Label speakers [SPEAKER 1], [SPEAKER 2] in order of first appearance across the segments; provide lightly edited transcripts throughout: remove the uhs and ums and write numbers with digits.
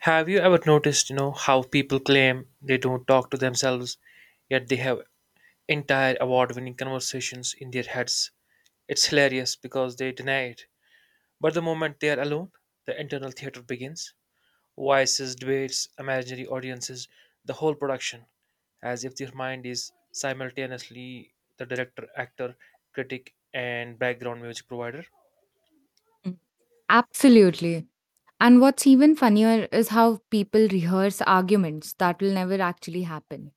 [SPEAKER 1] Have you ever noticed, how people claim they don't talk to themselves, yet they have entire award-winning conversations in their heads? It's hilarious because they deny it. But the moment they are alone, the internal theater begins. Voices, debates, imaginary audiences, the whole production, as if their mind is simultaneously the director, actor, critic, and background music provider.
[SPEAKER 2] Mm. Absolutely. And what's even funnier is how people rehearse arguments that will never actually happen.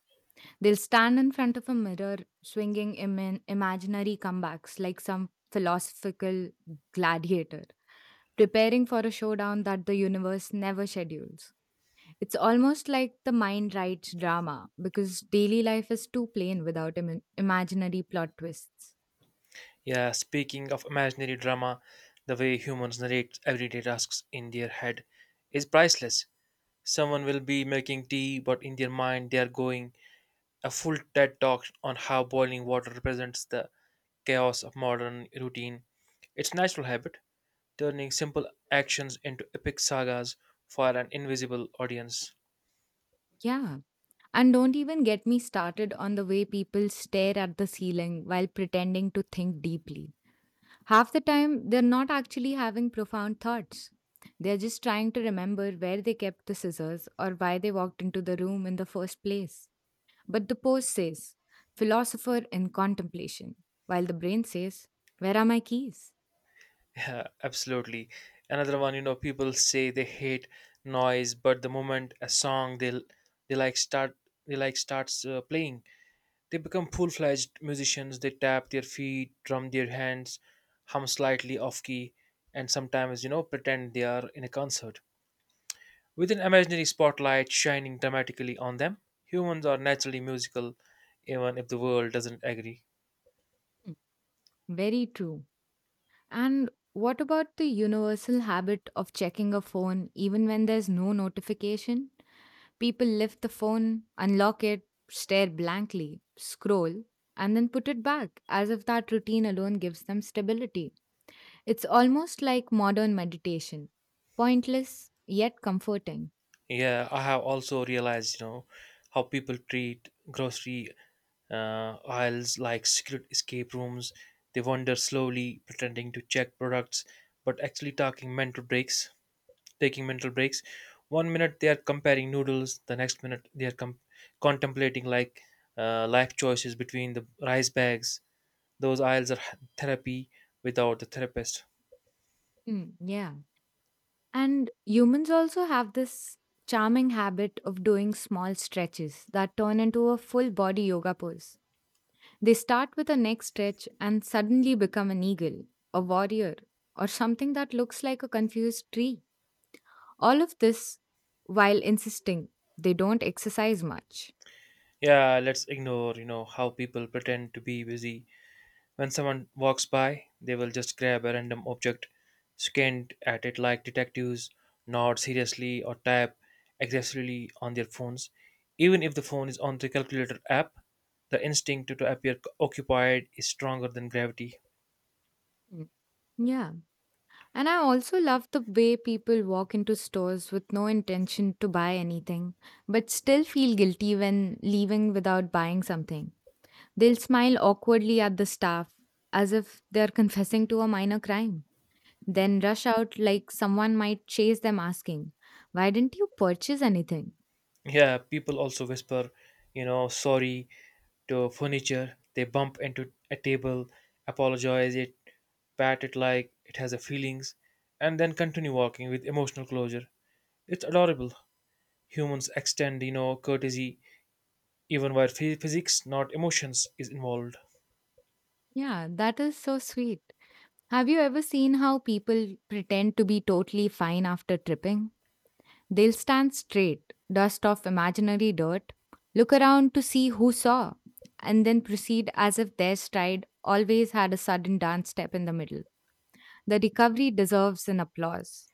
[SPEAKER 2] They'll stand in front of a mirror, swinging imaginary comebacks like some philosophical gladiator, preparing for a showdown that the universe never schedules. It's almost like the mind writes drama because daily life is too plain without imaginary plot twists.
[SPEAKER 1] Yeah, speaking of imaginary drama, the way humans narrate everyday tasks in their head is priceless. Someone will be making tea, but in their mind they are going a full TED talk on how boiling water represents the chaos of modern routine. It's natural habit, turning simple actions into epic sagas for an invisible audience.
[SPEAKER 2] Yeah. And don't even get me started on the way people stare at the ceiling while pretending to think deeply. Half the time, they're not actually having profound thoughts. They're just trying to remember where they kept the scissors or why they walked into the room in the first place. But the post says, philosopher in contemplation, while the brain says, where are my keys?
[SPEAKER 1] Yeah, absolutely. Another one, people say they hate noise, but the moment a song they like start they like starts playing, they become full-fledged musicians. They tap their feet, drum their hands, hum slightly off key, and sometimes, pretend they are in a concert. With an imaginary spotlight shining dramatically on them, humans are naturally musical, even if the world doesn't agree.
[SPEAKER 2] Hmm. Very true. And what about the universal habit of checking a phone even when there's no notification? People lift the phone, unlock it, stare blankly, scroll, and then put it back, as if that routine alone gives them stability. It's almost like modern meditation, pointless, yet comforting.
[SPEAKER 1] Yeah, I have also realized, how people treat grocery aisles like secret escape rooms. They wander slowly, pretending to check products, but actually talking mental breaks, taking mental breaks. One minute they are comparing noodles, the next minute they are contemplating, like life choices between the rice bags. Those aisles are therapy without the therapist.
[SPEAKER 2] Hmm, yeah. And humans also have this charming habit of doing small stretches that turn into a full body yoga pose. They start with a neck stretch and suddenly become an eagle, a warrior, or something that looks like a confused tree. All of this while insisting they don't exercise much.
[SPEAKER 1] Yeah, let's ignore, how people pretend to be busy. When someone walks by, they will just grab a random object, squint at it like detectives, nod seriously, or tap aggressively on their phones. Even if the phone is on the calculator app, the instinct to appear occupied is stronger than gravity.
[SPEAKER 2] Mm. Yeah. And I also love the way people walk into stores with no intention to buy anything, but still feel guilty when leaving without buying something. They'll smile awkwardly at the staff as if they're confessing to a minor crime, then rush out like someone might chase them asking, why didn't you purchase anything?
[SPEAKER 1] Yeah, people also whisper, sorry to furniture. They bump into a table, apologize it, pat it like it has a feelings, and then continue walking with emotional closure. It's adorable. Humans extend, courtesy even where physics, not emotions, is involved.
[SPEAKER 2] Yeah, that is so sweet. Have you ever seen how people pretend to be totally fine after tripping? They'll stand straight, dust off imaginary dirt, look around to see who saw, and then proceed as if their stride always had a sudden dance step in the middle. The recovery deserves an applause.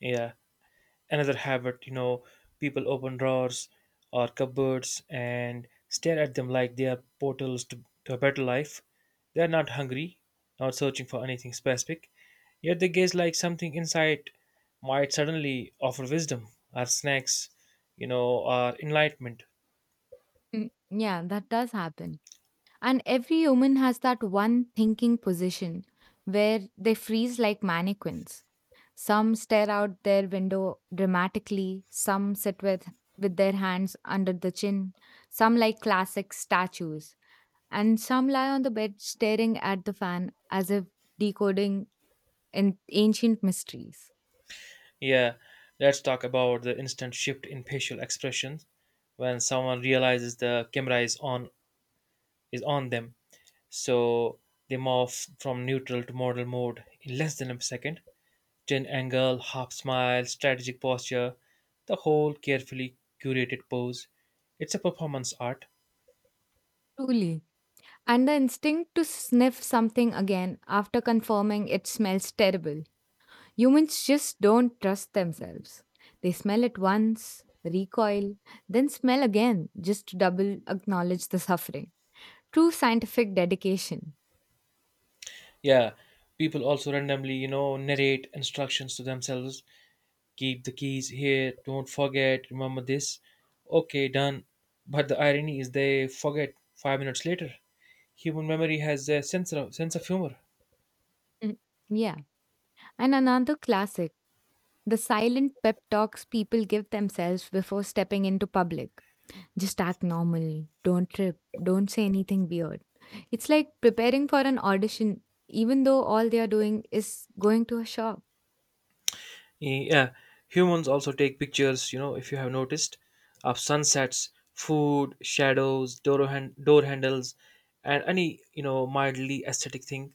[SPEAKER 1] Yeah, another habit, people open drawers or cupboards and stare at them like they are to a better life. They are not hungry, not searching for anything specific, yet they gaze like something inside might suddenly offer wisdom or snacks, or enlightenment.
[SPEAKER 2] Mm, yeah, that does happen. And every human has that one thinking position where they freeze like mannequins. Some stare out their window dramatically, some with their hands under the chin, some like classic statues, and some lie on the bed staring at the fan as if decoding in ancient mysteries.
[SPEAKER 1] Yeah, let's talk about the instant shift in facial expressions when someone realizes the camera is on them. So they morph from neutral to model mode in less than a second. Chin angle, half smile, strategic posture, the whole carefully curated pose. It's a performance art.
[SPEAKER 2] Truly. And the instinct to sniff something again after confirming it smells terrible. Humans just don't trust themselves. They smell it once, recoil, then smell again just to double acknowledge the suffering. True scientific dedication.
[SPEAKER 1] Yeah, people also randomly, narrate instructions to themselves. Keep the keys here, don't forget, remember this, okay, done. But the irony is they forget 5 minutes later. Human memory has a sense of humor.
[SPEAKER 2] Mhm. Yeah. And another classic, the silent pep talks people give themselves before stepping into public. Just act normal, don't trip, don't say anything weird. It's like preparing for an audition, even though all they are doing is going to a shop.
[SPEAKER 1] Yeah, humans also take pictures, if you have noticed, of sunsets, food, shadows, door, hand, door handles, and any, mildly aesthetic thing,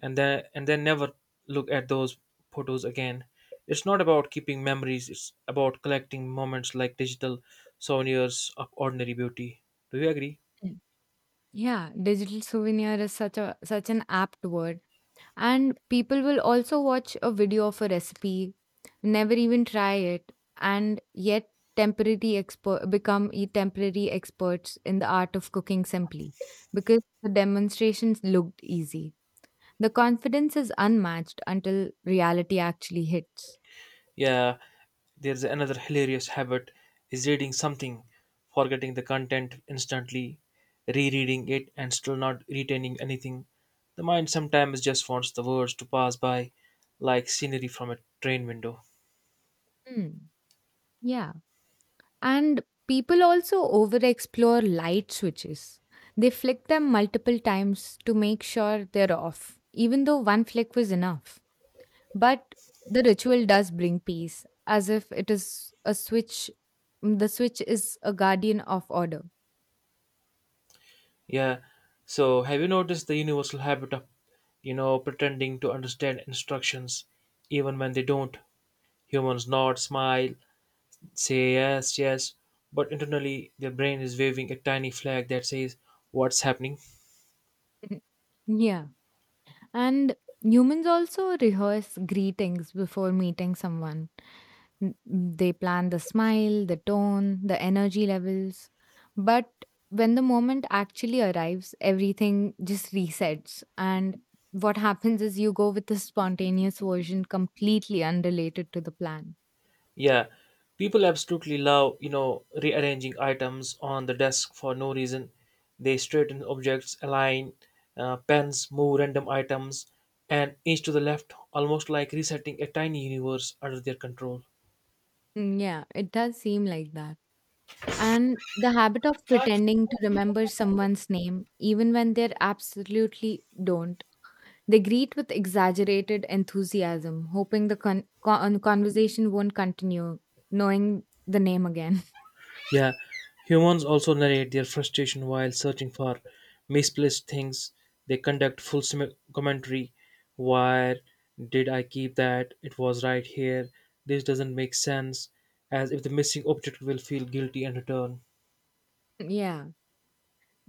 [SPEAKER 1] and then never look at those photos again. It's not about keeping memories, it's about collecting moments like digital souvenirs of ordinary beauty. Do you agree?
[SPEAKER 2] Mm. Yeah, digital souvenir is such a such an apt word. And people will also watch a video of a recipe, never even try it, and yet temporary experts in the art of cooking simply because the demonstrations looked easy. The confidence is unmatched until reality actually hits.
[SPEAKER 1] Yeah, there's another hilarious habit is reading something, forgetting the content instantly, rereading it and still not retaining anything. The mind sometimes just wants the words to pass by like scenery from a train window.
[SPEAKER 2] Hmm. Yeah. And people also overexplore light switches. They flick them multiple times to make sure they're off, even though one flick was enough. But the ritual does bring peace, as if it is a switch. The switch is a guardian of order.
[SPEAKER 1] Yeah. So have you noticed the universal habit of, pretending to understand instructions even when they don't? Humans nod, smile, say yes, yes, but internally their brain is waving a tiny flag that says what's happening.
[SPEAKER 2] Yeah. And humans also rehearse greetings before meeting someone. N- They plan the smile, the tone, the energy levels. But when the moment actually arrives, everything just resets. And what happens is you go with a spontaneous version completely unrelated to the plan.
[SPEAKER 1] Yeah, people absolutely love, rearranging items on the desk for no reason. They straighten objects, align pens, move random items an inch to the left, almost like resetting a tiny universe under their control.
[SPEAKER 2] Mm, yeah, it does seem like that. And the habit of pretending to remember someone's name, even when they absolutely don't. They greet with exaggerated enthusiasm, hoping the conversation won't continue, knowing the name again.
[SPEAKER 1] Yeah, humans also narrate their frustration while searching for misplaced things. They conduct full commentary. Why did I keep that? It was right here. This doesn't make sense. As if the missing object will feel guilty and return.
[SPEAKER 2] yeah.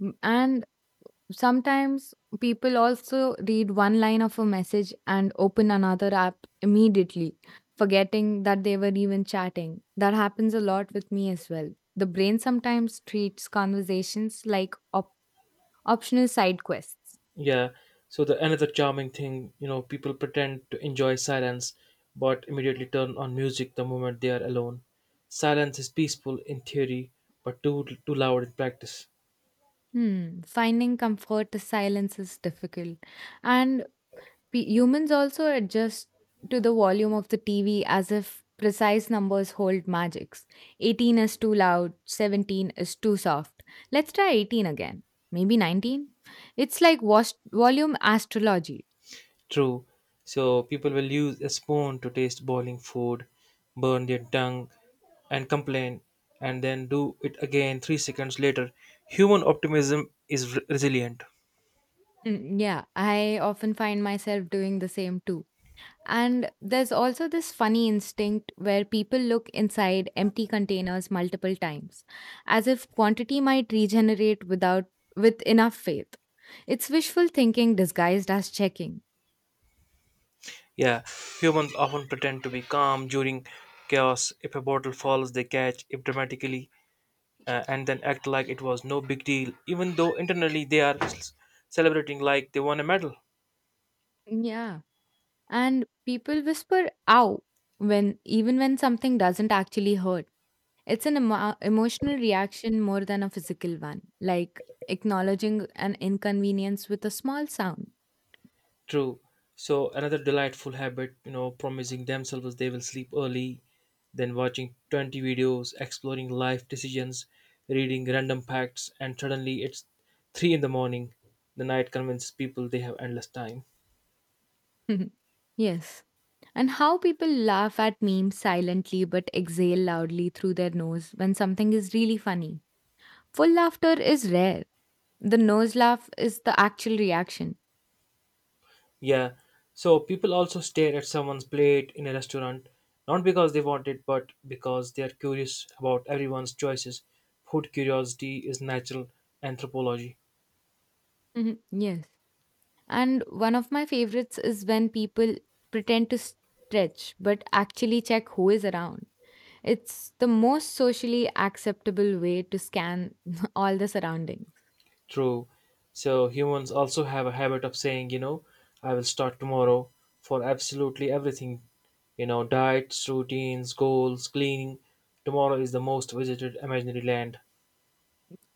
[SPEAKER 2] And sometimes people also read one line of a message and open another app immediately, forgetting that they were even chatting. That happens a lot with me as well. The brain sometimes treats conversations like optional side quests.
[SPEAKER 1] Yeah. So the another charming thing, people pretend to enjoy silence, but immediately turn on music the moment they are alone. Silence is peaceful in theory, but too loud in practice.
[SPEAKER 2] Hmm, finding comfort to silence is difficult. And humans also adjust to the volume of the TV as if precise numbers hold magics. 18 is too loud, 17 is too soft. Let's try 18 again. Maybe 19? It's like volume astrology.
[SPEAKER 1] True. So people will use a spoon to taste boiling food, burn their tongue, and complain, and then do it again 3 seconds later. Human optimism is resilient.
[SPEAKER 2] Mm, yeah, I often find myself doing the same too. And there's also this funny instinct where people look inside empty containers multiple times, as if quantity might regenerate without with enough faith. It's wishful thinking disguised as checking.
[SPEAKER 1] Yeah, humans often pretend to be calm during chaos. If a bottle falls, they catch it dramatically and then act like it was no big deal, even though internally they are celebrating like they won a medal.
[SPEAKER 2] Yeah. And people whisper ow when even when something doesn't actually hurt. It's an emotional reaction more than a physical one, like acknowledging an inconvenience with a small sound.
[SPEAKER 1] True. So another delightful habit, promising themselves they will sleep early, then watching 20 videos, exploring life decisions, reading random facts, and suddenly it's 3 in the morning. The night convinces people they have endless time.
[SPEAKER 2] Mhm. Yes. And how people laugh at memes silently but exhale loudly through their nose when something is really funny. Full laughter is rare. The nose laugh is the actual reaction.
[SPEAKER 1] Yeah. So people also stare at someone's plate in a restaurant, not because they want it, but because they are curious about everyone's choices. Food curiosity is natural anthropology.
[SPEAKER 2] Mhm. Yes. And one of my favorites is when people pretend to stretch but actually check who is around. It's the most socially acceptable way to scan all the surroundings.
[SPEAKER 1] True. So humans also have a habit of saying, I will start tomorrow for absolutely everything. You know, diets, routines, goals, cleaning. Tomorrow is the most visited imaginary land.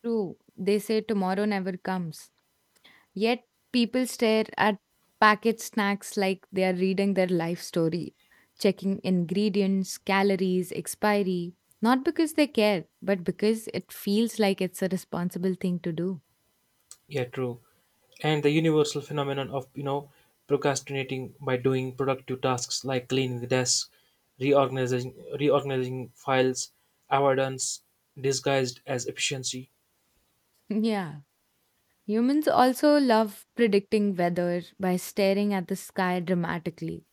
[SPEAKER 2] True. They say tomorrow never comes. Yet people stare at packet snacks like they are reading their life story, checking ingredients, calories, expiry, not because they care, but because it feels like it's a responsible thing to do.
[SPEAKER 1] Yeah, true. And the universal phenomenon of, procrastinating by doing productive tasks like cleaning the desk, reorganizing reorganizing files, avoidance disguised as efficiency.
[SPEAKER 2] Yeah. Humans also love predicting weather by staring at the sky dramatically.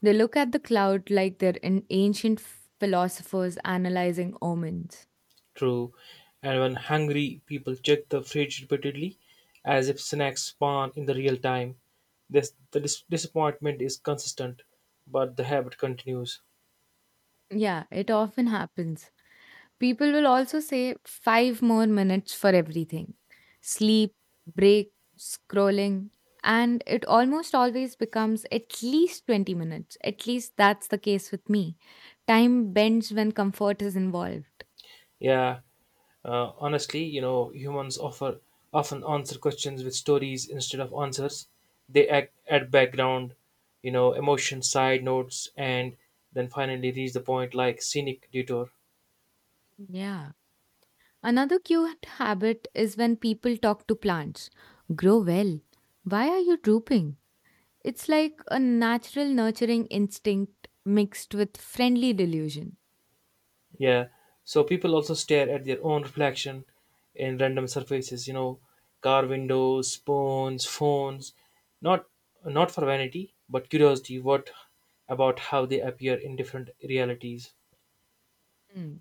[SPEAKER 2] They look at the cloud like they're an ancient philosophers analyzing omens.
[SPEAKER 1] True. And when hungry, people check the fridge repeatedly as if snacks spawn in the real time. The disappointment is consistent, but the habit continues.
[SPEAKER 2] Yeah, it often happens. People will also say 5 more minutes for everything, sleep, break, scrolling, and it almost always becomes at least 20 minutes. At least that's the case with me. Time bends when comfort is involved.
[SPEAKER 1] Yeah, honestly, humans offer often answer questions with stories instead of answers. They act, add background, emotion, side notes, and then finally reach the point like scenic detour.
[SPEAKER 2] Yeah. Another cute habit is when people talk to plants, grow well. Why are you drooping? It's like a natural nurturing instinct mixed with friendly delusion.
[SPEAKER 1] Yeah. So people also stare at their own reflection in random surfaces, car windows, spoons, phones. Not Not for vanity, but curiosity, what about how they appear in different realities.
[SPEAKER 2] Hmm.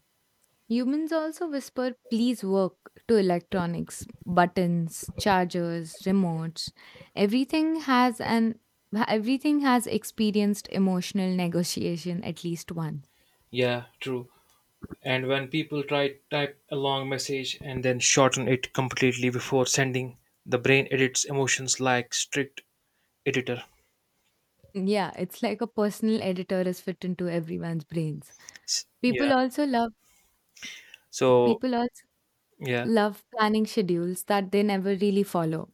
[SPEAKER 2] Humans also whisper, please work, to electronics, buttons, chargers, remotes. Everything has an Everything has experienced emotional negotiation at least once.
[SPEAKER 1] Yeah, true. And when people try type a long message and then shorten it completely before sending, the brain edits emotions like strict editor.
[SPEAKER 2] Yeah, it's like a personal editor is fit into everyone's brains. People
[SPEAKER 1] Yeah.
[SPEAKER 2] also love
[SPEAKER 1] So
[SPEAKER 2] People also
[SPEAKER 1] yeah,
[SPEAKER 2] love planning schedules that they never really follow.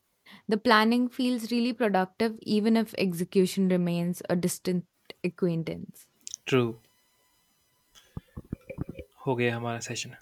[SPEAKER 2] The planning feels really productive even if execution remains a distant acquaintance.
[SPEAKER 1] true. हो गया हमारा session.